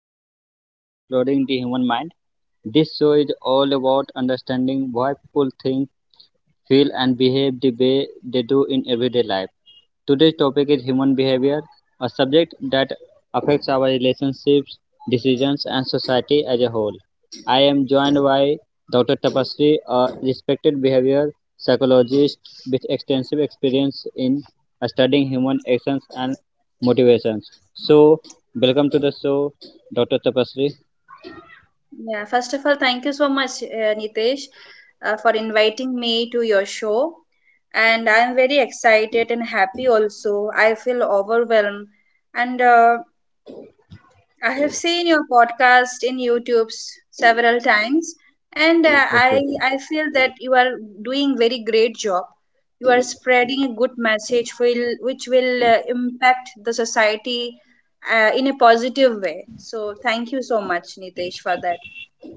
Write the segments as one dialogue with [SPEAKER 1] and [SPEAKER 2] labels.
[SPEAKER 1] episode of Exploring the Human Mind. This show is all about understanding why people think, feel, and behave the way they do in everyday life. Today's topic is human behavior, a subject that affects our relationships, decisions, and society as a whole. I am joined by Dr. Tapasri, a respected behavior psychologist with extensive experience in studying human actions and motivations. So, welcome to the show, Dr. Tapasri.
[SPEAKER 2] Yeah, first of all, thank you so much, Nitesh, for inviting me to your show. And I'm very excited and happy also. I feel overwhelmed. And I have seen your podcast in YouTube several times. And I,
[SPEAKER 1] Okay.
[SPEAKER 2] I feel that you are doing very great job. You are spreading a good message which will impact the society in a positive way. So thank you so much, Nitesh, for that.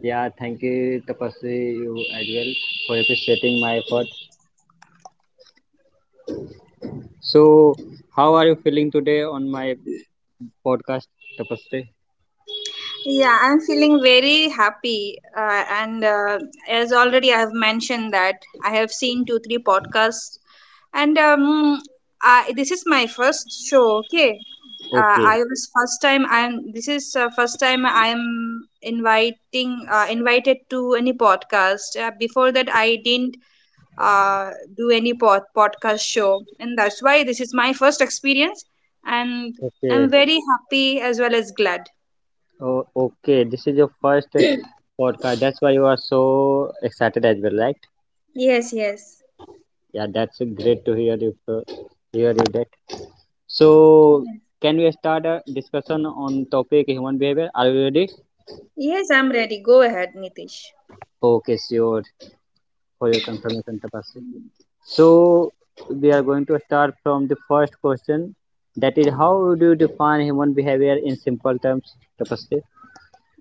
[SPEAKER 1] Yeah, thank you, Tapasri, you as well for appreciating my effort. So, how are you feeling today on my podcast, Tapasya?
[SPEAKER 2] Yeah, I'm feeling very happy. And as already I have mentioned that I have seen two, three podcasts, and this is my first show. Okay, I
[SPEAKER 1] Okay,
[SPEAKER 2] was first time. I'm this is first time I'm inviting invited to any podcast. Before that, I didn't uh, do any podcast show, and that's why this is my first experience, and I'm
[SPEAKER 1] okay,
[SPEAKER 2] very happy as well as glad.
[SPEAKER 1] oh, okay. This is your first podcast. That's why you are so excited as well, right?
[SPEAKER 2] Yes, yes.
[SPEAKER 1] Yeah, that's great to hear you that. So,
[SPEAKER 2] Yes,
[SPEAKER 1] can we start a discussion on topic human behavior? Are you ready?
[SPEAKER 2] yes, I'm ready. Go ahead, Nitish.
[SPEAKER 1] Okay, sure. For your confirmation, Tapasya. So, we are going to start from the first question. That is, how do you define human behavior in simple terms, Tapasya?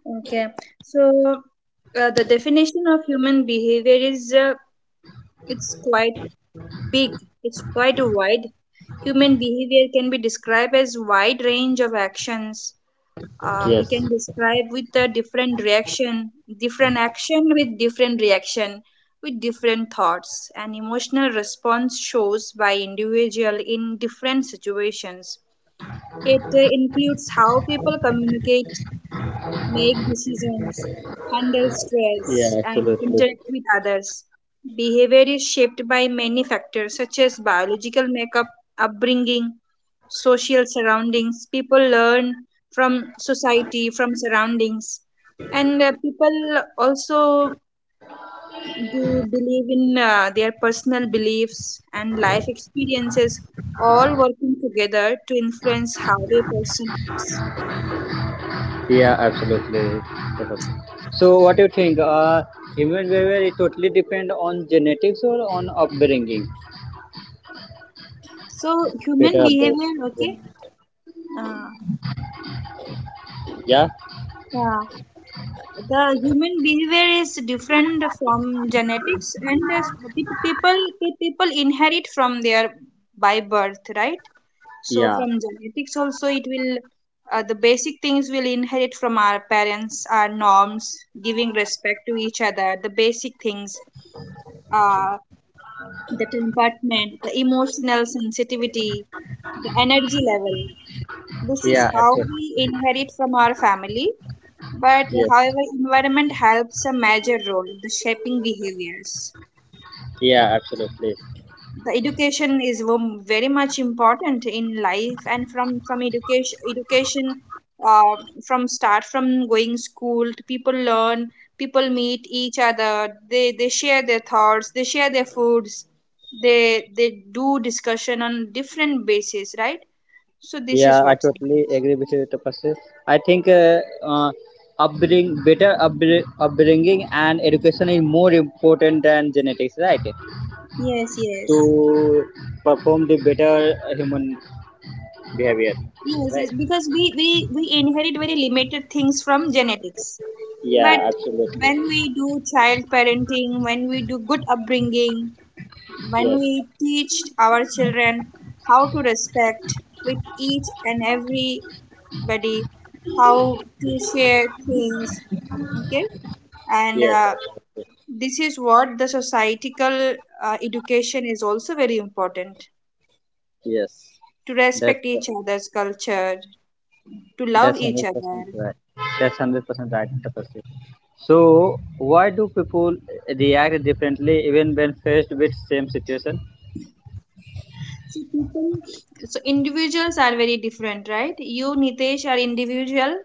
[SPEAKER 2] Okay, so the definition of human behavior is it's quite big. It's quite wide. Human behavior can be described as wide range of actions.
[SPEAKER 1] Yes.
[SPEAKER 2] We can describe with a different reaction, different action with different reaction, with different thoughts, and emotional response shows by individual in different situations. It includes how people communicate, make decisions, handle
[SPEAKER 1] Yeah,
[SPEAKER 2] stress, and
[SPEAKER 1] absolutely.
[SPEAKER 2] interact with others. Behavior is shaped by many factors such as biological makeup, upbringing, social surroundings. People learn from society, from surroundings, and people also do believe in their personal beliefs and life experiences, all working together to influence how a person acts.
[SPEAKER 1] Yeah, absolutely. Correct. So what do you think? Human behavior is totally depend on genetics or on upbringing?
[SPEAKER 2] So human
[SPEAKER 1] Better upbringing.
[SPEAKER 2] behavior, okay, uh,
[SPEAKER 1] Yeah.
[SPEAKER 2] uh, the human behavior is different from genetics, and pe- people people inherit from their by birth, right? So
[SPEAKER 1] Yeah.
[SPEAKER 2] from genetics also, it will the basic things will inherit from our parents, our norms, giving respect to each other, the basic things, uh, the temperament, the emotional sensitivity, the energy level. This
[SPEAKER 1] Yeah,
[SPEAKER 2] is how
[SPEAKER 1] absolutely.
[SPEAKER 2] we inherit from our family. But
[SPEAKER 1] Yes.
[SPEAKER 2] however, environment helps a major role, the shaping behaviors.
[SPEAKER 1] Yeah, absolutely.
[SPEAKER 2] The education is very much important in life, and education uh, from start from going school, to people learn, people meet each other, they share their thoughts, they share their foods, they do discussion on different basis, right? So this is
[SPEAKER 1] Yeah, I
[SPEAKER 2] what it
[SPEAKER 1] totally
[SPEAKER 2] is.
[SPEAKER 1] agree with you, Tapasya. I think uh, upbringing and education is more important than genetics, right?
[SPEAKER 2] Yes, yes.
[SPEAKER 1] To perform the better human behavior,
[SPEAKER 2] Yes,
[SPEAKER 1] right.
[SPEAKER 2] yes, because we inherit very limited things from genetics. But
[SPEAKER 1] Yeah, absolutely.
[SPEAKER 2] when we do child parenting, when we do good upbringing, when
[SPEAKER 1] Yes,
[SPEAKER 2] we teach our children how to respect with each and everybody, how to share things, okay? And
[SPEAKER 1] yes, absolutely.
[SPEAKER 2] this is what the societal education is also very important
[SPEAKER 1] Yes,
[SPEAKER 2] to
[SPEAKER 1] that's
[SPEAKER 2] respect each other's culture, to love each
[SPEAKER 1] 100%
[SPEAKER 2] other.
[SPEAKER 1] right. That's 100% right, Tapasya. So why do people react differently even when faced with same situation?
[SPEAKER 2] So people, so individuals are very different, right? You, Nitesh, are individual,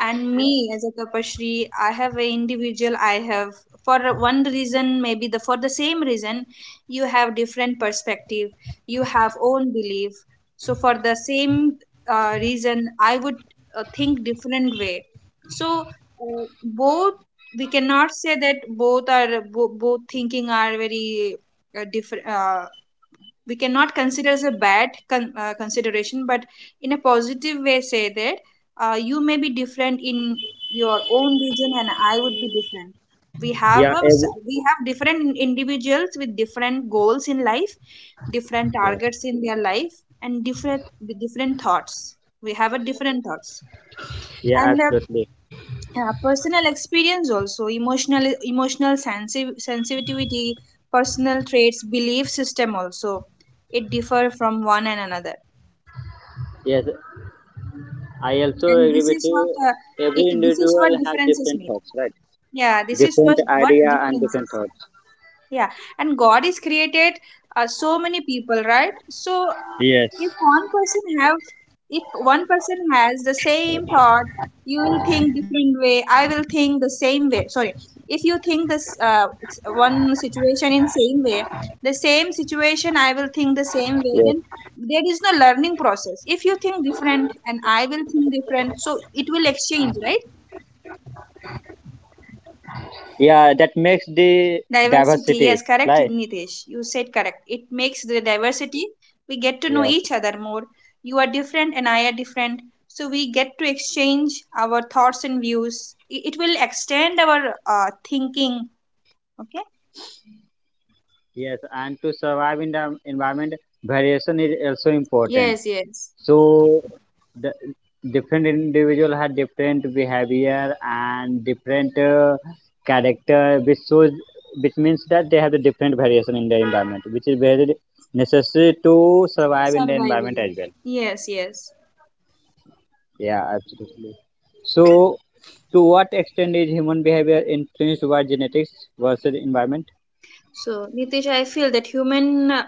[SPEAKER 2] and
[SPEAKER 1] yeah
[SPEAKER 2] me as a Tapashri, I have a individual. I have For one reason, maybe the for the same reason, you have different perspective. You have own belief. So for the same reason, I would think different way. So Both, we cannot say that both thinking are very different. We cannot consider as a consideration, but in a positive way say that you may be different in your own region and I would be different.
[SPEAKER 1] yeah ev-
[SPEAKER 2] We have different individuals with different goals in life, different
[SPEAKER 1] yeah,
[SPEAKER 2] targets in their life, and different thoughts. we have a different thoughts
[SPEAKER 1] yeah,
[SPEAKER 2] and
[SPEAKER 1] absolutely.
[SPEAKER 2] Personal experience also, emotional sensitivity, personal traits, belief system also, it differ from one and another.
[SPEAKER 1] Yes, I also
[SPEAKER 2] And
[SPEAKER 1] agree
[SPEAKER 2] This
[SPEAKER 1] with
[SPEAKER 2] is
[SPEAKER 1] you.
[SPEAKER 2] what
[SPEAKER 1] Every
[SPEAKER 2] this is
[SPEAKER 1] individual
[SPEAKER 2] what
[SPEAKER 1] has
[SPEAKER 2] differences
[SPEAKER 1] different
[SPEAKER 2] mean.
[SPEAKER 1] thoughts, right?
[SPEAKER 2] Yeah this is
[SPEAKER 1] Different
[SPEAKER 2] what
[SPEAKER 1] idea and different
[SPEAKER 2] differences
[SPEAKER 1] thoughts.
[SPEAKER 2] yeah and god is created so many people, right? So
[SPEAKER 1] Yes,
[SPEAKER 2] if one person have if one person has the same thought, you will think different way I will think the same way sorry if you think one situation in same way, the same
[SPEAKER 1] yes.
[SPEAKER 2] situation I will think the same way, then there is no learning process. If you think different and I will think different, so it will exchange, right?
[SPEAKER 1] Yeah, that makes the diversity, like.
[SPEAKER 2] Diversity, yes, correct, Nitesh. You said correct. It makes the
[SPEAKER 1] Yes,
[SPEAKER 2] diversity. We get to know each other more. You are different and I are different. So we get to exchange our thoughts and views. It will extend our thinking. Okay?
[SPEAKER 1] yes, and to survive in the environment, variation is also important. So
[SPEAKER 2] Yes, yes.
[SPEAKER 1] the different individual had different behavior and different character which shows, which means that they have the different variation in the environment which is very necessary to survive in the environment as well.
[SPEAKER 2] Survival. Yes, yes.
[SPEAKER 1] Yeah, absolutely. So, to what extent is human behavior influenced by genetics versus environment?
[SPEAKER 2] So, Nitish, I feel that human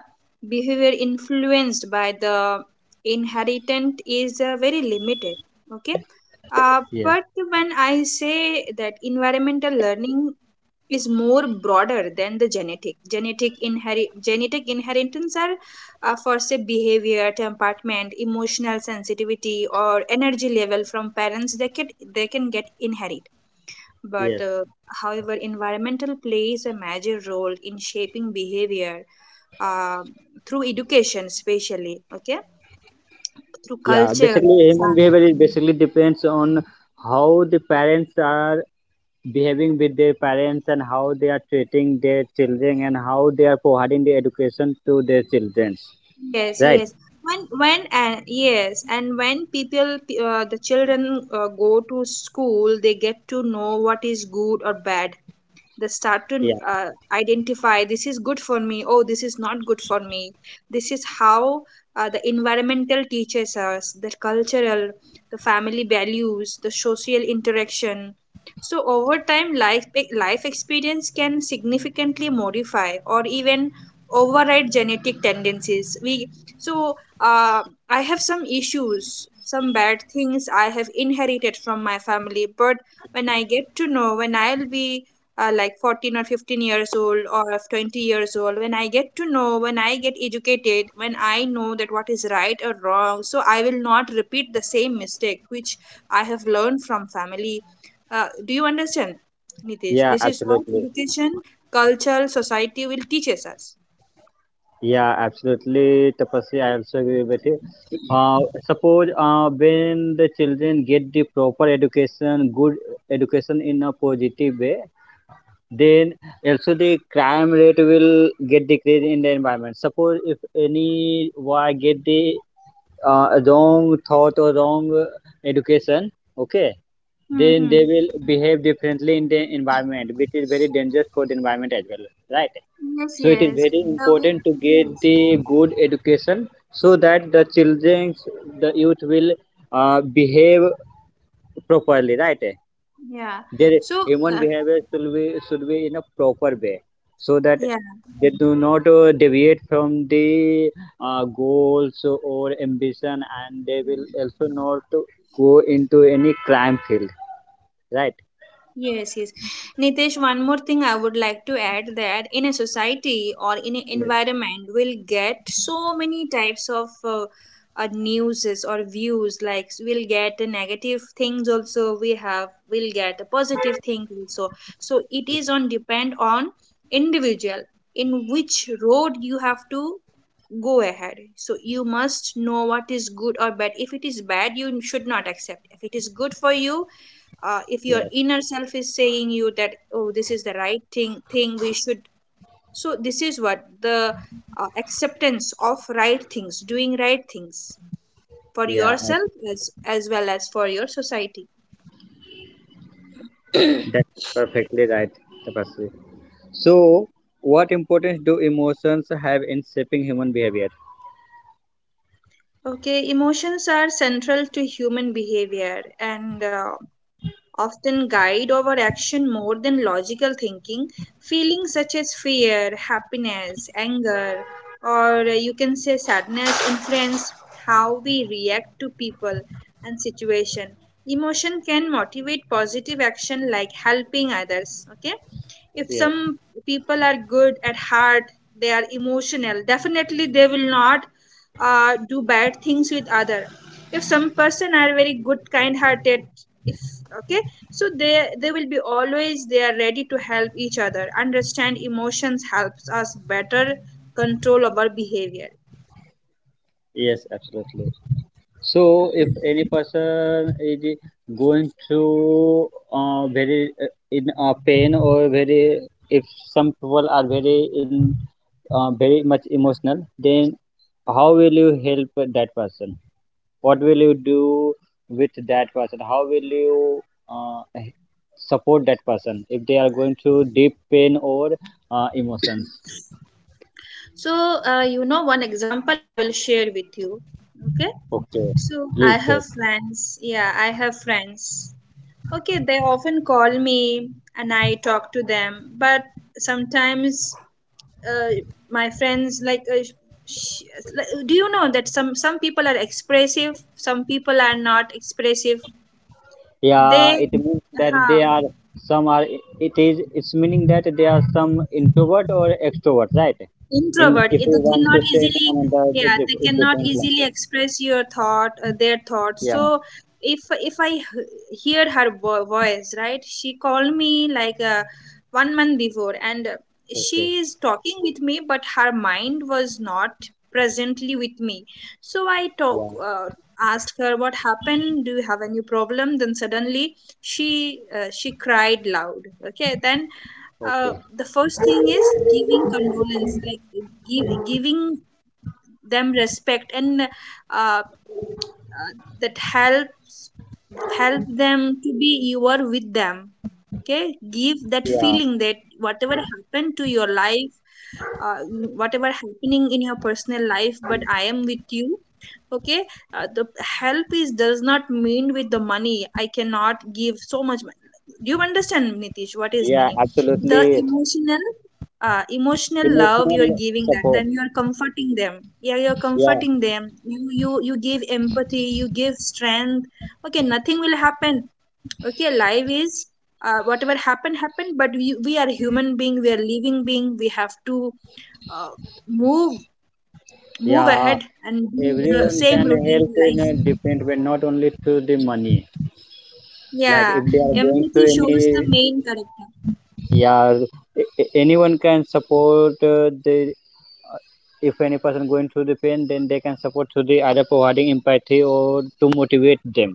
[SPEAKER 2] behavior influenced by the inheritance is very limited. Okay. Uh,
[SPEAKER 1] Yes,
[SPEAKER 2] but when I say that environmental learning is more broader than the genetic inheritance are for say behavior, temperament, emotional sensitivity, or energy level from parents. They can get inherited,
[SPEAKER 1] yes.
[SPEAKER 2] but, uh, however, environmental plays a major role in shaping behavior uh, through education, especially, okay, through
[SPEAKER 1] Yeah,
[SPEAKER 2] culture,
[SPEAKER 1] basically human behavior is basically depends on how the parents are behaving with their parents and how they are treating their children and how they are providing the education to their children.
[SPEAKER 2] Yes,
[SPEAKER 1] Right?
[SPEAKER 2] yes. When Yes, and when the children go to school, they get to know what is good or bad. They start to
[SPEAKER 1] Yeah.
[SPEAKER 2] identify this is good for me, oh this is not good for me. This is how the environmental teaches us, the cultural, the family values, the social interaction. So over time, life experience can significantly modify or even override genetic tendencies. We so uh, I have some issues, some bad things I have inherited from my family, but when I get to know, when I'll be like 14 or 15 years old or 20 years old, when I get to know, when I get educated, when I know that what is right or wrong, so I will not repeat the same mistake which I have learned from family. Do you understand, Nitish?
[SPEAKER 1] Yeah,
[SPEAKER 2] This is what
[SPEAKER 1] absolutely.
[SPEAKER 2] education, culture, society will teaches us.
[SPEAKER 1] Yeah, absolutely, Tapasya. I also agree with you. Uh, suppose when the children get the proper education, good education in a positive way, then also the crime rate will get decreased in the environment. Suppose if anyone get the wrong thought or wrong education, okay, then they
[SPEAKER 2] Mm-hmm.
[SPEAKER 1] will behave differently in the environment which is very dangerous for the environment as well, right?
[SPEAKER 2] Yes,
[SPEAKER 1] So it is
[SPEAKER 2] yes.
[SPEAKER 1] very
[SPEAKER 2] The way,
[SPEAKER 1] important to get
[SPEAKER 2] yes.
[SPEAKER 1] the good education so that the children, the youth will behave properly, right?
[SPEAKER 2] Yeah.
[SPEAKER 1] Their
[SPEAKER 2] So,
[SPEAKER 1] human
[SPEAKER 2] uh,
[SPEAKER 1] behavior should be, should be in a proper way, so that
[SPEAKER 2] yeah
[SPEAKER 1] they do not deviate from the goals or ambition, and they will also not to go into any crime field. Right?
[SPEAKER 2] Yes, yes. Nitesh, one more thing I would like to add that in a society or in an
[SPEAKER 1] Yes.
[SPEAKER 2] environment, we'll get so many types of newses or views. Like we'll get the negative things also. We'll get a positive things also. So it is on depend on individual in which road you have to go ahead. So you must know what is good or bad. If it is bad, you should not accept. If it is good for you, if your
[SPEAKER 1] Yes.
[SPEAKER 2] inner self is saying you that oh this is the right thing, we should. So this is what the acceptance of right things, doing right things for
[SPEAKER 1] Yeah.
[SPEAKER 2] yourself
[SPEAKER 1] I-
[SPEAKER 2] as well as for your society.
[SPEAKER 1] That's perfectly right, Tapasri. So, what importance do emotions have in shaping human behavior?
[SPEAKER 2] Okay, emotions are central to human behavior, and often guide our action more than logical thinking. Feelings such as fear, happiness, anger, or you can say sadness influence how we react to people and situation. Emotion can motivate positive action like helping others. Okay, if
[SPEAKER 1] Yes.
[SPEAKER 2] some people are good at heart, they are emotional, definitely they will not do bad things with other. If some person are very good kind hearted, if, okay, so they will be always, they are ready to help each other. Understand emotions helps us better control our behavior.
[SPEAKER 1] Yes. Absolutely. So, if any person is going through very in pain, or very, if some people are very in very much emotional, then how will you help that person? What will you do with that person? How will you uh, h- support that person if they are going through deep pain or emotions?
[SPEAKER 2] so, you know, one example I will share with you. Okay.
[SPEAKER 1] Okay,
[SPEAKER 2] So,
[SPEAKER 1] please
[SPEAKER 2] I
[SPEAKER 1] say.
[SPEAKER 2] have friends. Yeah, I have friends. Okay, they often call me and I talk to them, but sometimes uh, my friends, like, sh- like, do you know that some people are expressive, some people are not expressive.
[SPEAKER 1] Yeah,
[SPEAKER 2] They,
[SPEAKER 1] it means that they
[SPEAKER 2] uh,
[SPEAKER 1] are, some are, it is, it's meaning that they are some introvert or extrovert, right? In
[SPEAKER 2] Introvert
[SPEAKER 1] if
[SPEAKER 2] it,
[SPEAKER 1] we
[SPEAKER 2] they
[SPEAKER 1] want to
[SPEAKER 2] cannot
[SPEAKER 1] say in
[SPEAKER 2] easily,
[SPEAKER 1] another a
[SPEAKER 2] yeah, they
[SPEAKER 1] a
[SPEAKER 2] cannot
[SPEAKER 1] different
[SPEAKER 2] easily
[SPEAKER 1] language.
[SPEAKER 2] express your thought, their thoughts.
[SPEAKER 1] Yeah.
[SPEAKER 2] So if if I hear her voice, right, she called me like, 1 month before, and she
[SPEAKER 1] Okay.
[SPEAKER 2] is talking with me, but her mind was not presently with me. So I talk,
[SPEAKER 1] Yeah.
[SPEAKER 2] asked her what happened, do you have any problem? Then suddenly she, she cried loud. Okay, then
[SPEAKER 1] Okay.
[SPEAKER 2] the first thing is giving condolence, like giving them respect, and uh, that helps, help them to be you are with them. Okay, give that
[SPEAKER 1] Yeah.
[SPEAKER 2] feeling that whatever happened to your life, uh, whatever happening in your personal life, but I am with you. Okay. The help is does not mean with the money. I cannot give so much money. Do you understand, Nitish, what is
[SPEAKER 1] Yeah,
[SPEAKER 2] meaning? The
[SPEAKER 1] absolutely.
[SPEAKER 2] emotional emotional love you are
[SPEAKER 1] Emotional
[SPEAKER 2] giving. That
[SPEAKER 1] support.
[SPEAKER 2] time you are comforting them. Yeah, you're
[SPEAKER 1] Yeah.
[SPEAKER 2] comforting them. You give empathy, you give strength. Okay, nothing will happen. Okay, life is whatever happened happened, but we are human being, we are living being. We have to uh, move move
[SPEAKER 1] Yeah,
[SPEAKER 2] ahead and do the
[SPEAKER 1] everyone
[SPEAKER 2] same
[SPEAKER 1] can
[SPEAKER 2] routine
[SPEAKER 1] help
[SPEAKER 2] in
[SPEAKER 1] in a
[SPEAKER 2] life.
[SPEAKER 1] different way, not only through the money. Like
[SPEAKER 2] Yeah,
[SPEAKER 1] if they are going
[SPEAKER 2] empathy
[SPEAKER 1] through
[SPEAKER 2] shows the
[SPEAKER 1] any,
[SPEAKER 2] main character.
[SPEAKER 1] yeah, anyone can support the uh, if any person going through the pain, then they can support through the either providing empathy or to motivate them,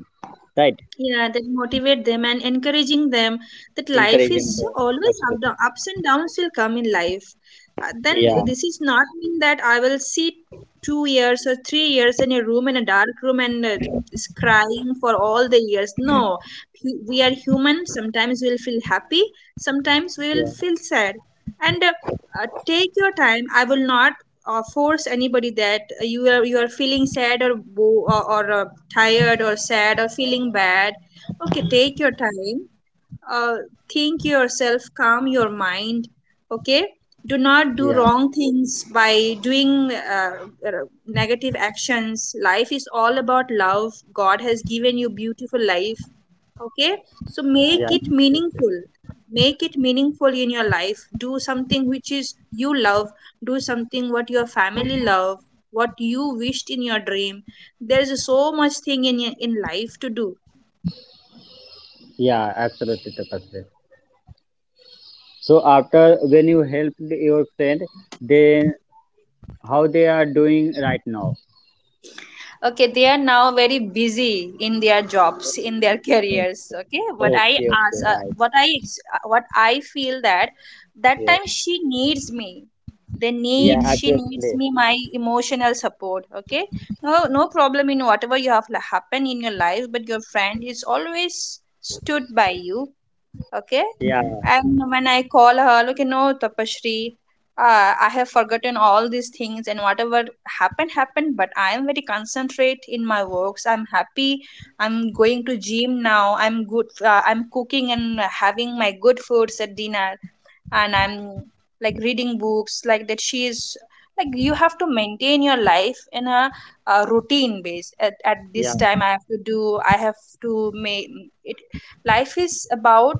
[SPEAKER 1] right?
[SPEAKER 2] Yeah, that motivate them and encouraging them. That life
[SPEAKER 1] Encourage them.
[SPEAKER 2] is always up
[SPEAKER 1] Absolutely.
[SPEAKER 2] down, ups and downs will come in life. Then
[SPEAKER 1] Yeah.
[SPEAKER 2] this is not mean that I will sit 2 years or 3 years in a room, in a dark room, and is crying for all the years. No, we are human. Sometimes we'll feel happy, sometimes we will
[SPEAKER 1] Yeah.
[SPEAKER 2] feel sad. And take your time. I will not force anybody that you are feeling sad or tired or sad or feeling bad. Okay, take your time. Uh, think yourself, calm your mind. Okay, do not
[SPEAKER 1] Yeah.
[SPEAKER 2] do wrong things by doing uh, negative actions. Life is all about love. God has given you beautiful life. Okay, so make
[SPEAKER 1] Yeah.
[SPEAKER 2] it
[SPEAKER 1] Absolutely.
[SPEAKER 2] meaningful. Make it meaningful in your life. Do something which is you love. Do something what your family love. What you wished in your dream. There is so much thing in life to do.
[SPEAKER 1] Yeah. Absolutely, Tapasri. So after when you helped your friend, then how they are doing right now?
[SPEAKER 2] Okay, they are now very busy in their jobs, in their careers. Okay, what I
[SPEAKER 1] Okay,
[SPEAKER 2] ask,
[SPEAKER 1] okay, right.
[SPEAKER 2] what I feel that that time
[SPEAKER 1] Yes.
[SPEAKER 2] she needs me. They
[SPEAKER 1] Yeah,
[SPEAKER 2] need She needs
[SPEAKER 1] absolutely.
[SPEAKER 2] me, my emotional support. Okay, no no problem in whatever you have happen in your life, but your friend is always stood by you. Okay.
[SPEAKER 1] Yeah,
[SPEAKER 2] And when I call her, look, you know, Tapashri, I have forgotten all these things, and whatever happened, happened, but I am very concentrate in my works. I'm happy. I'm going to gym now. I'm good. I'm cooking and having my good foods at dinner. And I'm like reading books like that. She is like, you have to maintain your life in a, routine base. At
[SPEAKER 1] yeah.
[SPEAKER 2] this time, I have to do, I have to make it. Life is about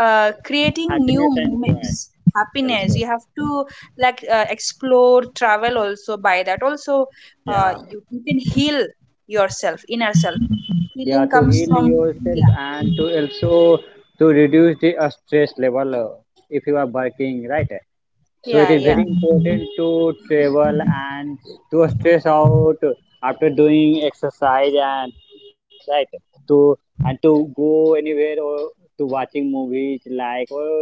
[SPEAKER 2] creating new
[SPEAKER 1] Happiness and joy
[SPEAKER 2] moments happiness.
[SPEAKER 1] also.
[SPEAKER 2] You have to like explore, travel also. By that also
[SPEAKER 1] Yeah,
[SPEAKER 2] you, you can heal yourself, inner self.
[SPEAKER 1] yeah,
[SPEAKER 2] Healing
[SPEAKER 1] to
[SPEAKER 2] comes
[SPEAKER 1] heal
[SPEAKER 2] from,
[SPEAKER 1] yourself
[SPEAKER 2] yeah,
[SPEAKER 1] and to also to reduce the stress level. If you are working, right, so it
[SPEAKER 2] yeah,
[SPEAKER 1] is
[SPEAKER 2] yeah.
[SPEAKER 1] very important to travel and to stress out after doing exercise and right to, and to go anywhere or to watching movies like, or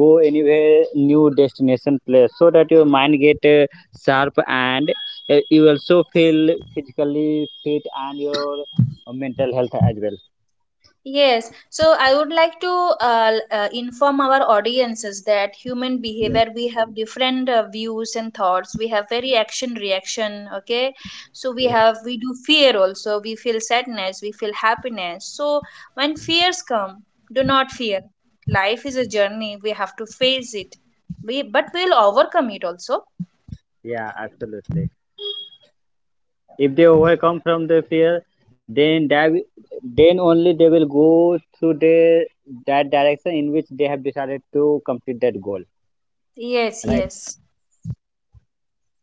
[SPEAKER 1] go anywhere new destination place, so that your mind get sharp and you also feel physically fit and your mental health as well.
[SPEAKER 2] Yes, so I would like to inform our audiences that human
[SPEAKER 1] Yes,
[SPEAKER 2] behavior, we have different views and thoughts. We have very action reaction, okay? So we
[SPEAKER 1] yes.
[SPEAKER 2] have, we do fear also. We feel sadness, we feel happiness. So when fears come, do not fear. Life is a journey. We have to face it. We, but we'll overcome it also.
[SPEAKER 1] Yeah, absolutely. If they overcome from the fear, then then only they will go to the that direction in which they have decided to complete that goal,
[SPEAKER 2] Yes,
[SPEAKER 1] right?
[SPEAKER 2] yes.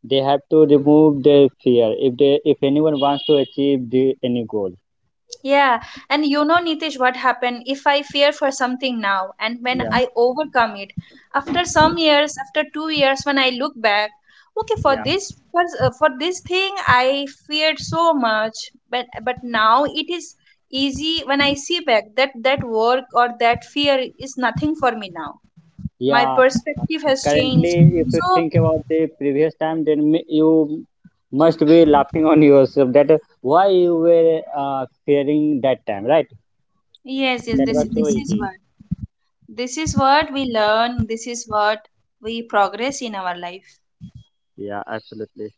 [SPEAKER 1] They have to remove their fear if they, if anyone wants to achieve the any goal.
[SPEAKER 2] Yeah, and you know, Nitish, what happened if I fear for something now and when
[SPEAKER 1] Yeah.
[SPEAKER 2] I overcome it? After some
[SPEAKER 1] So-
[SPEAKER 2] years, after 2 years, when I look back, okay,
[SPEAKER 1] yeah,
[SPEAKER 2] for this thing I feared so much, but now it is easy when I see back that that work or that fear is nothing for me now. My
[SPEAKER 1] yeah.
[SPEAKER 2] perspective has
[SPEAKER 1] Currently,
[SPEAKER 2] changed.
[SPEAKER 1] if you
[SPEAKER 2] So
[SPEAKER 1] think about the previous time, then you must be laughing on yourself that why you were fearing that time, right?
[SPEAKER 2] yes, yes,
[SPEAKER 1] That was
[SPEAKER 2] this
[SPEAKER 1] so
[SPEAKER 2] this is
[SPEAKER 1] easy.
[SPEAKER 2] what, this is what we learn. This is what we progress in our life.
[SPEAKER 1] Yeah, absolutely.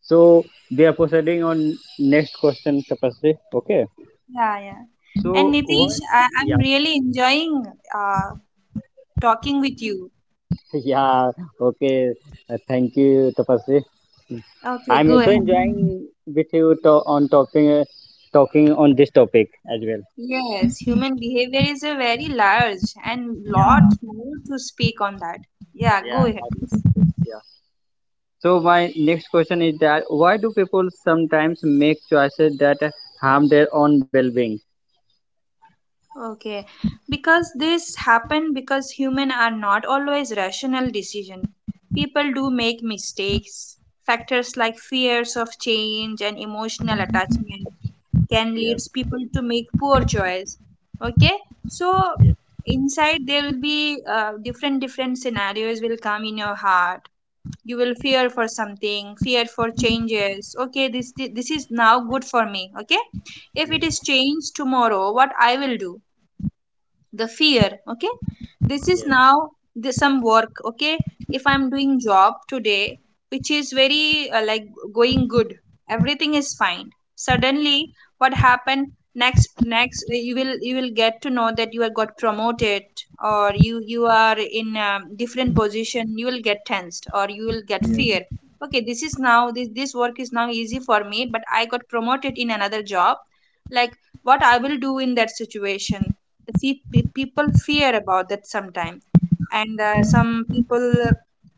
[SPEAKER 1] So we are proceeding on next question, capacity, okay?
[SPEAKER 2] Yeah, yeah. And
[SPEAKER 1] So what?
[SPEAKER 2] Nitish, I,
[SPEAKER 1] Yeah.
[SPEAKER 2] I'm really enjoying uh, talking with you.
[SPEAKER 1] Yeah, okay. Thank you, Tapasvi.
[SPEAKER 2] Okay,
[SPEAKER 1] I'm
[SPEAKER 2] go
[SPEAKER 1] also
[SPEAKER 2] ahead.
[SPEAKER 1] enjoying with you on talking talking on this topic as well.
[SPEAKER 2] Yes, human behavior is a very large and
[SPEAKER 1] Yeah,
[SPEAKER 2] lot more to speak on that. Yeah, go
[SPEAKER 1] yeah,
[SPEAKER 2] ahead, please.
[SPEAKER 1] absolutely. Yeah. So my next question is that why do people sometimes make choices that harm their own well-being?
[SPEAKER 2] Okay, because this happen because human are not always rational decision. People do make mistakes. Factors like fears of change and emotional attachment can
[SPEAKER 1] Yes,
[SPEAKER 2] leads people to make poor choice. Okay, so inside there will be different different scenarios will come in your heart. You will fear for something, fear for changes. Okay, this is now good for me. Okay, if it is
[SPEAKER 1] yes,
[SPEAKER 2] changed tomorrow, what I will do. The fear, okay, this is
[SPEAKER 1] yes,
[SPEAKER 2] now the, some work. Okay, if I'm doing job today, which is very like going good, everything is fine, suddenly what happened next next, you will get to know that you are got promoted or you are in a different position. You will get tensed or you will get fear.
[SPEAKER 1] yes.
[SPEAKER 2] Okay, this is now, this work is now easy for me, but I got promoted in another job, like what I will do in that situation. See, people fear about that sometimes. And some people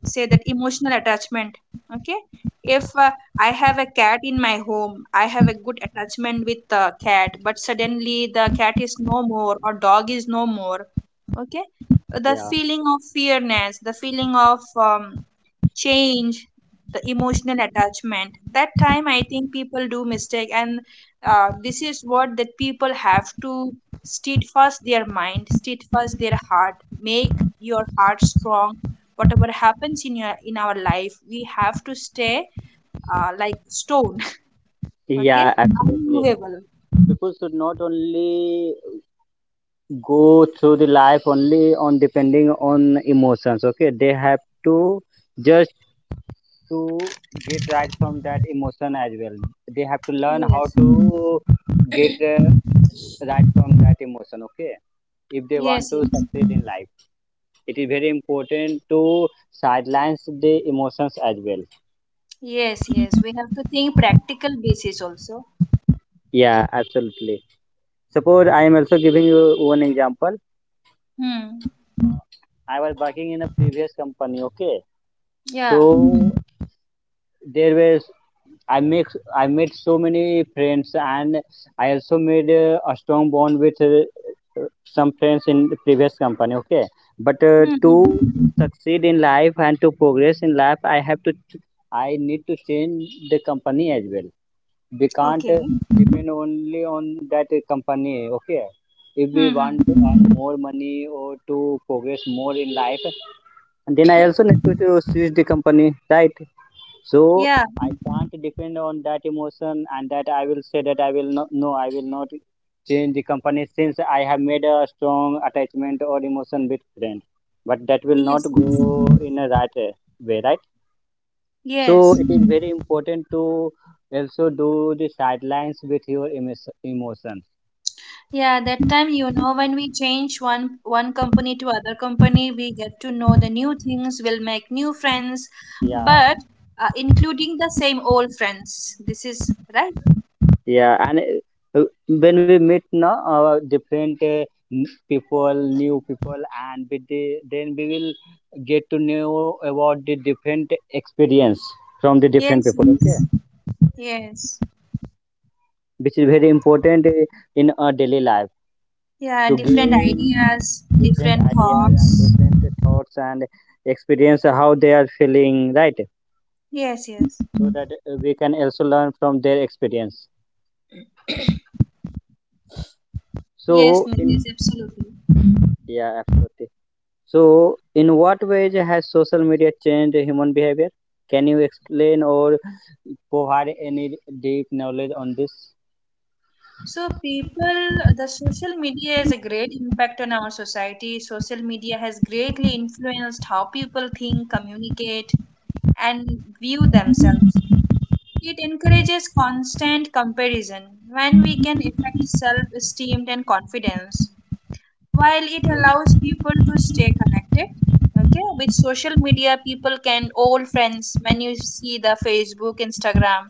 [SPEAKER 2] say that emotional attachment. Okay, if I have a cat in my home, I have a good attachment with the cat, but suddenly the cat is no more or dog is no more. Okay, the
[SPEAKER 1] Yeah,
[SPEAKER 2] feeling of fearness, the feeling of change, the emotional attachment, that time I think people do mistake. And this is what, that people have to steadfast their mind, steadfast their heart, make your heart strong. Whatever happens in your, in our life, we have to stay like stone. Okay,
[SPEAKER 1] yeah, absolutely.
[SPEAKER 2] unmovable.
[SPEAKER 1] People should not only go through the life only on depending on emotions. Okay, they have to just to get right from that emotion as well. They have to learn how
[SPEAKER 2] Yes,
[SPEAKER 1] to get right from that emotion, okay? If they want
[SPEAKER 2] yes.
[SPEAKER 1] to
[SPEAKER 2] Yes,
[SPEAKER 1] succeed in life, it is very important to sidelines the emotions as well.
[SPEAKER 2] yes, yes. We have to think practical basis also.
[SPEAKER 1] Yeah, absolutely. Suppose I am also giving you one example.
[SPEAKER 2] Hmm.
[SPEAKER 1] I was working in a previous company, okay?
[SPEAKER 2] Yeah.
[SPEAKER 1] So there were, I make, I made so many friends, and I also made a strong bond with some friends in the previous company. Okay, but
[SPEAKER 2] Hmm.
[SPEAKER 1] to
[SPEAKER 2] Hmm.
[SPEAKER 1] succeed in life and to progress in life, I have to I need to change the company as well. We can't
[SPEAKER 2] Okay.
[SPEAKER 1] depend only on that company. Okay, if we
[SPEAKER 2] Hmm.
[SPEAKER 1] want to
[SPEAKER 2] Hmm.
[SPEAKER 1] earn more money or to progress more in life, then I also need to switch the company, right? So
[SPEAKER 2] Yeah.
[SPEAKER 1] I can't depend on that emotion and that I will say that I will not, no, I will not change the company since I have made a strong attachment or emotion with friend, but that will not
[SPEAKER 2] Yes, yes,
[SPEAKER 1] go in a right way, right? So
[SPEAKER 2] yes.
[SPEAKER 1] it is very important to also do the sidelines with your emotion.
[SPEAKER 2] Yeah, that time, you know, when we change one company to other company, we get to know the new things, we'll make new friends,
[SPEAKER 1] Yeah.
[SPEAKER 2] but including the same old friends. This is right.
[SPEAKER 1] Yeah, and uh, when we meet now, different people, new people, and with the, then we will get to know about the different experience from the different
[SPEAKER 2] Yes,
[SPEAKER 1] people. Okay,
[SPEAKER 2] yes, yes.
[SPEAKER 1] which is very important in our daily life
[SPEAKER 2] Yeah,
[SPEAKER 1] to
[SPEAKER 2] different
[SPEAKER 1] gain
[SPEAKER 2] ideas,
[SPEAKER 1] different
[SPEAKER 2] different
[SPEAKER 1] ideas and
[SPEAKER 2] thoughts.
[SPEAKER 1] different thoughts and experience how they are feeling, right?
[SPEAKER 2] Yes, yes,
[SPEAKER 1] So that we can also learn from their experience.
[SPEAKER 2] yes,
[SPEAKER 1] So
[SPEAKER 2] Nitish,
[SPEAKER 1] in,
[SPEAKER 2] absolutely.
[SPEAKER 1] yeah, absolutely. So, in what ways has social media changed human behavior? Can you explain or provide any deep knowledge on this?
[SPEAKER 2] So people, the social media has a great impact on our society. Social media has greatly influenced how people think, communicate, and view themselves. It
[SPEAKER 1] Yes,
[SPEAKER 2] encourages constant comparison when we can affect self esteem and confidence, while it allows people to stay connected. Okay, with social media, people can old friends when you see the Facebook, Instagram,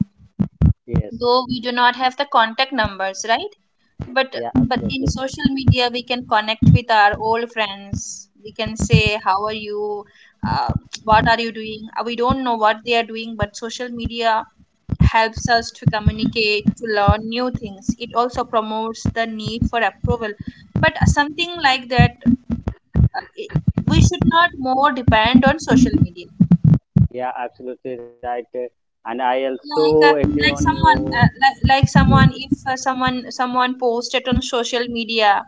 [SPEAKER 1] yes,
[SPEAKER 2] though we do not have the contact numbers, right? but
[SPEAKER 1] yeah,
[SPEAKER 2] but in
[SPEAKER 1] absolutely.
[SPEAKER 2] social media we can connect with our old friends. We can say, how are you, uh, what are you doing? We don't know what they are doing, but social media helps us to communicate, to learn new things. It also promotes the need for approval, but something like that. It, we should not more depend on social media,
[SPEAKER 1] Yeah, absolutely right. And I also
[SPEAKER 2] like uh,
[SPEAKER 1] agree on your,
[SPEAKER 2] like someone if someone post it on social media.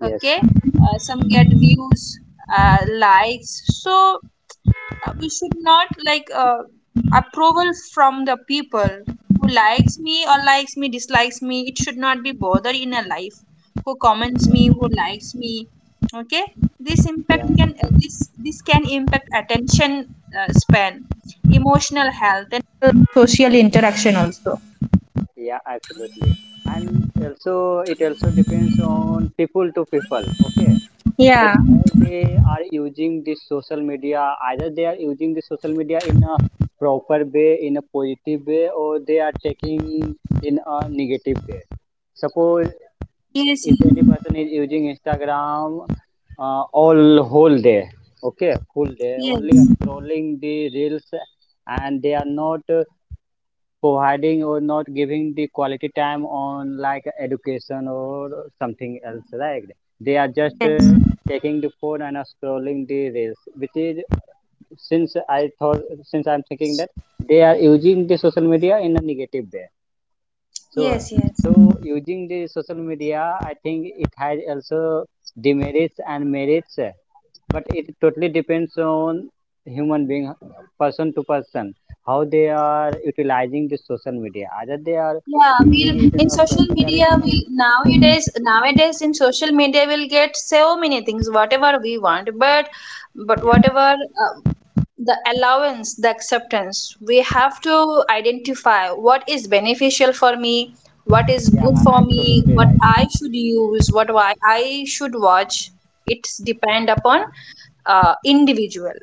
[SPEAKER 1] yes,
[SPEAKER 2] Okay, some get views, likes. So we should not like approval from the people who likes me, or likes me, dislikes me. It should not be bother in a life who comments me, who likes me. Okay, this
[SPEAKER 1] yeah,
[SPEAKER 2] impact
[SPEAKER 1] yeah,
[SPEAKER 2] can, this this can impact attention span, emotional.
[SPEAKER 1] yeah, absolutely. And also, it also depends on people to people. Okay, that how they are using this social media, either they are using the social media in a proper way in a positive way, or they are taking in a negative way. Suppose
[SPEAKER 2] Yes,
[SPEAKER 1] if any person is using Instagram all whole day, okay, full day
[SPEAKER 2] yes,
[SPEAKER 1] only scrolling the reels, and they are not providing or not giving the quality time on like education or something else, right? They are just
[SPEAKER 2] yes.
[SPEAKER 1] taking the phone and are scrolling the reels, which is, since I'm thinking that they are using the social media in a negative way. so
[SPEAKER 2] Yes, yes.
[SPEAKER 1] so using the social media, I think it has also demerits and merits, but it totally depends on human being, person to person, how they are utilizing the social media, either they are
[SPEAKER 2] Yeah, we'll
[SPEAKER 1] using it in
[SPEAKER 2] in
[SPEAKER 1] a
[SPEAKER 2] social
[SPEAKER 1] proper
[SPEAKER 2] media
[SPEAKER 1] direction.
[SPEAKER 2] we'll, nowadays, nowadays in social media we'll get so many things whatever we want, but
[SPEAKER 1] Yeah,
[SPEAKER 2] whatever uh, the allowance, the acceptance, we have to identify what is beneficial for me, what is
[SPEAKER 1] yeah,
[SPEAKER 2] good for me,
[SPEAKER 1] absolutely
[SPEAKER 2] what
[SPEAKER 1] right.
[SPEAKER 2] I should use, what why I should watch. It's depend upon individual.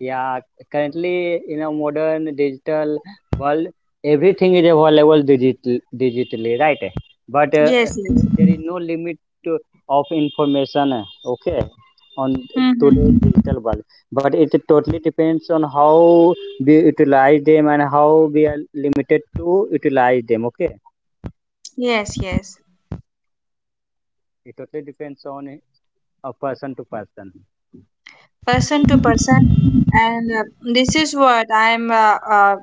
[SPEAKER 1] Yeah, currently in a modern digital world, everything is available digital, digitally, right? But
[SPEAKER 2] Yes, yes.
[SPEAKER 1] there is no limit to, of information, okay, on
[SPEAKER 2] Mm-hmm.
[SPEAKER 1] today's digital world. But it totally depends on how we utilize them and how we are limited to utilize them, okay?
[SPEAKER 2] Yes, yes.
[SPEAKER 1] It totally depends on a person to person.
[SPEAKER 2] Person to person. And this is what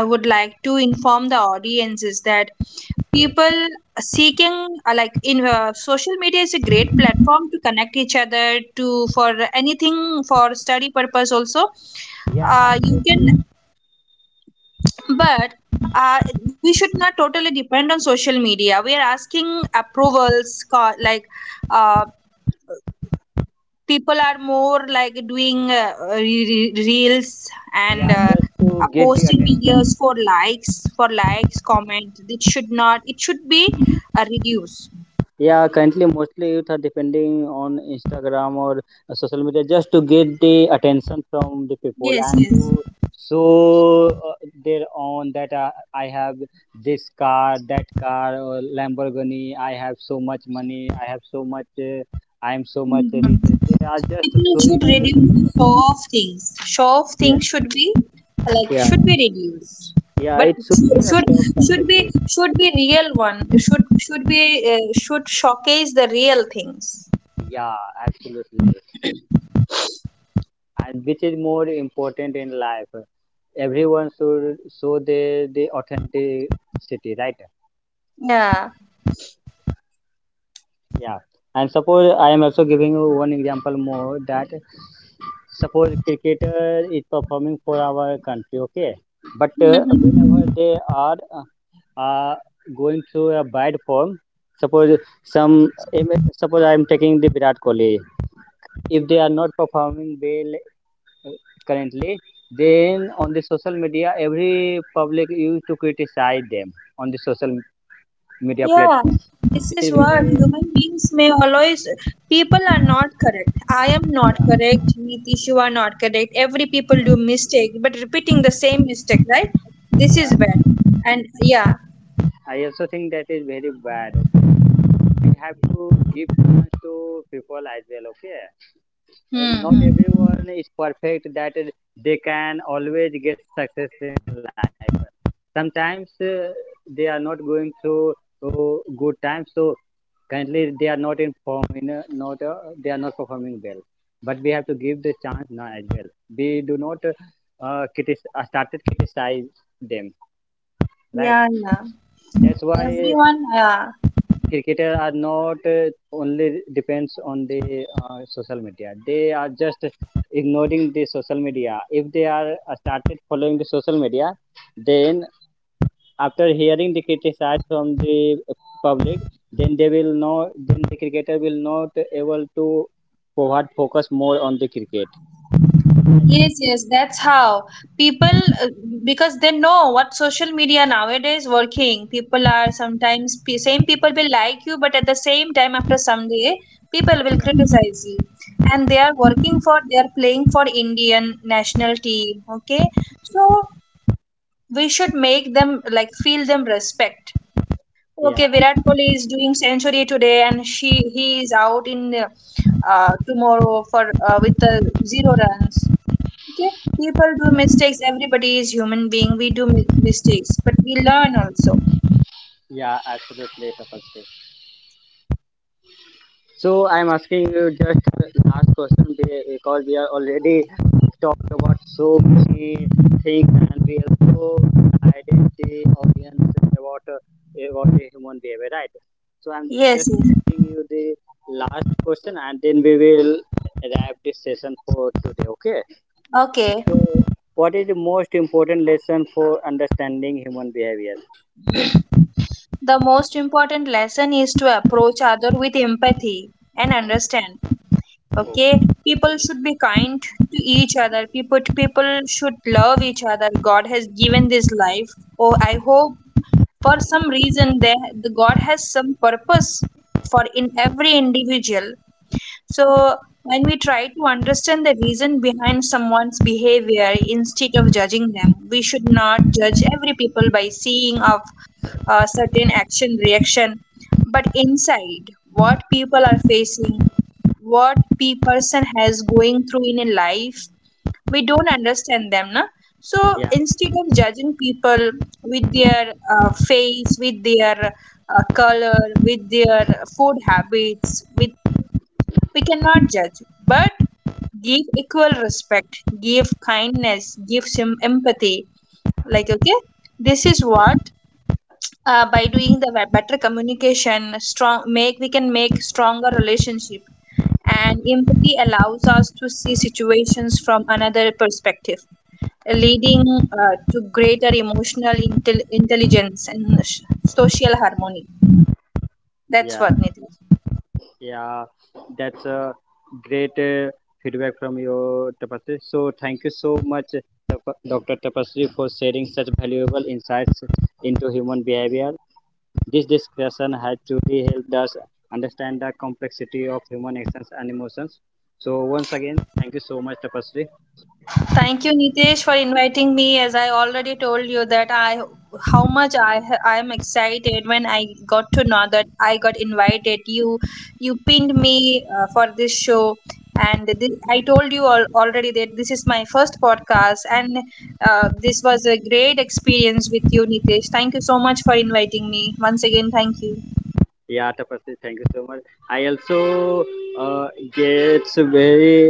[SPEAKER 2] I would like to inform the audience is that
[SPEAKER 1] Yes.
[SPEAKER 2] people seeking like in social media is a great platform to connect each other to, for anything, for study purpose also.
[SPEAKER 1] Yeah,
[SPEAKER 2] You can,
[SPEAKER 1] absolutely.
[SPEAKER 2] but uh, we should not totally depend on social media. We are asking approvals, like uh, people are more like doing reels and
[SPEAKER 1] Yeah, just to get the
[SPEAKER 2] posting videos
[SPEAKER 1] attention.
[SPEAKER 2] for likes, for likes comment. It should not, it should be reduced.
[SPEAKER 1] Yeah, currently mostly youth are depending on Instagram or social media just to get the attention from the people
[SPEAKER 2] Yes,
[SPEAKER 1] and
[SPEAKER 2] yes.
[SPEAKER 1] to show their own that I have this car, that car, or Lamborghini. I have so much money. I have so much. I am so much
[SPEAKER 2] Hmm.
[SPEAKER 1] rich. They are just
[SPEAKER 2] People
[SPEAKER 1] showing
[SPEAKER 2] should
[SPEAKER 1] on the
[SPEAKER 2] reduce
[SPEAKER 1] social
[SPEAKER 2] the show
[SPEAKER 1] media.
[SPEAKER 2] off things. Show off
[SPEAKER 1] Yes.
[SPEAKER 2] things should be, like,
[SPEAKER 1] Yeah.
[SPEAKER 2] should be reduced.
[SPEAKER 1] Yeah.
[SPEAKER 2] But
[SPEAKER 1] It should be
[SPEAKER 2] shou-
[SPEAKER 1] a
[SPEAKER 2] should
[SPEAKER 1] stop
[SPEAKER 2] should be
[SPEAKER 1] completely.
[SPEAKER 2] should be real one, should be should showcase the real things.
[SPEAKER 1] Yeah. Absolutely. And which is more important in life? Everyone should show their the authenticity, right?
[SPEAKER 2] Yeah.
[SPEAKER 1] Yeah. And suppose I am also giving you one example more, that suppose cricketer is performing for our country, okay? But
[SPEAKER 2] Mm-hmm.
[SPEAKER 1] whenever they are uh, uh, going through a bad form, suppose some, suppose I am taking the Virat Kohli. If they are not performing well uh, currently, then on the social media every public used to criticize them on the social media
[SPEAKER 2] Yeah,
[SPEAKER 1] platform,
[SPEAKER 2] this
[SPEAKER 1] which
[SPEAKER 2] is
[SPEAKER 1] is
[SPEAKER 2] what
[SPEAKER 1] very,
[SPEAKER 2] human beings may always. People are
[SPEAKER 1] yeah,
[SPEAKER 2] not correct. I am not correct. Nitish, you are not correct. Every
[SPEAKER 1] yeah,
[SPEAKER 2] people
[SPEAKER 1] yeah,
[SPEAKER 2] do mistake, but repeating the same mistake, right? This
[SPEAKER 1] yeah.
[SPEAKER 2] is bad. And yeah.
[SPEAKER 1] I also think that is very bad. We have to give chance to people as well. Okay,
[SPEAKER 2] Hmm.
[SPEAKER 1] not
[SPEAKER 2] Hmm.
[SPEAKER 1] everyone is perfect, that they can always get success in life. Sometimes they are not going through uh, good times, so currently they are not in form, in a, not they are not performing well. But we have to give the chance now as well. We do not started criticize them, right?
[SPEAKER 2] Yeah. Yeah.
[SPEAKER 1] That's why
[SPEAKER 2] Everyone. Yeah.
[SPEAKER 1] cricketers are not only depends on the social media. They are just ignoring the social media. If they are started following the social media, then after hearing the criticize from the public, then they will know, then the cricketer will not able to provide focus more on the cricket.
[SPEAKER 2] Yes, yes, that's how people, uh, because they know what social media nowadays working. People are sometimes, same people will like you, but at the same time, after some day, people will
[SPEAKER 1] Yeah,
[SPEAKER 2] criticize you. And they are working for, they are playing for Indian national team. Okay, so we should make them like feel them respect.
[SPEAKER 1] yeah.
[SPEAKER 2] Okay, Virat Kohli is doing century today, and she he is out in tomorrow for with the zero runs. Okay, people do mistakes. Everybody is human being. We do mistakes, but we learn also.
[SPEAKER 1] Yeah, absolutely, Tapas. So I'm asking you just last question because we are already talked about so many things and we also guided the audience about the human behavior, right? So I'm just
[SPEAKER 2] Yes, yes.
[SPEAKER 1] asking you the last question and then we will wrap this session for today. Okay.
[SPEAKER 2] Okay.
[SPEAKER 1] So what is the most important lesson for understanding human behavior?
[SPEAKER 2] The most important lesson is to approach other with empathy and understand. Okay. People should be kind to each other. People should love each other. God has given this life. Oh, I hope for some reason they, the God has some purpose for in every individual. So, when we try to understand the reason behind someone's behavior instead of judging them, we should not judge every people by seeing of a certain action reaction, but inside what people are facing, what person has going through in a life, we don't understand them, na? So
[SPEAKER 1] Yeah,
[SPEAKER 2] instead of judging people with their face, with their color, with their food habits, with, we cannot judge, but give equal respect, give kindness, give some empathy. Like, okay, this is
[SPEAKER 1] yeah,
[SPEAKER 2] what by doing the better communication, strong make, we can make stronger relationship. And empathy allows us to see situations from another perspective, leading to greater emotional intelligence and social harmony. That's
[SPEAKER 1] yeah.
[SPEAKER 2] what, Nitya.
[SPEAKER 1] Yeah, that's a great feedback from your Tapasri. So thank you so much, Tap- Dr. Tapasri, for sharing such valuable insights into human behavior. This discussion has truly helped us understand the complexity of human actions and emotions. So once again, thank you so much, Tapasri.
[SPEAKER 2] Thank you, Nitesh, for inviting me. As I already told you that I, how much I I am excited when I got to know that I got invited. You pinned me for this show, and this, I told you all, already that this is my first podcast, and this was a great experience with you, Nitesh. Thank you so much for inviting me once again. Thank you.
[SPEAKER 1] Yeah, Tapasri, thank you so much. I also uh, gets very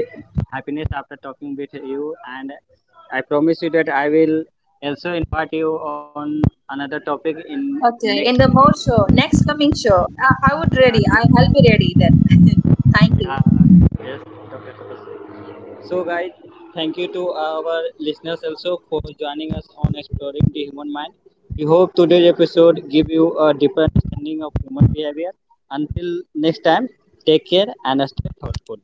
[SPEAKER 1] happiness after talking with you, and I promise you that I will also invite you on another topic in next
[SPEAKER 2] Okay, in the more show,
[SPEAKER 1] schedule.
[SPEAKER 2] next coming show, I
[SPEAKER 1] Yeah,
[SPEAKER 2] would ready.
[SPEAKER 1] next.
[SPEAKER 2] I'll be ready then. Thank
[SPEAKER 1] Yeah,
[SPEAKER 2] you.
[SPEAKER 1] yes, Dr. Tapasri. So, guys, thank you to our listeners also for joining us on exploring the human mind. We hope today's episode give you a deeper understanding of human behavior. Until next time, take care and stay thoughtful.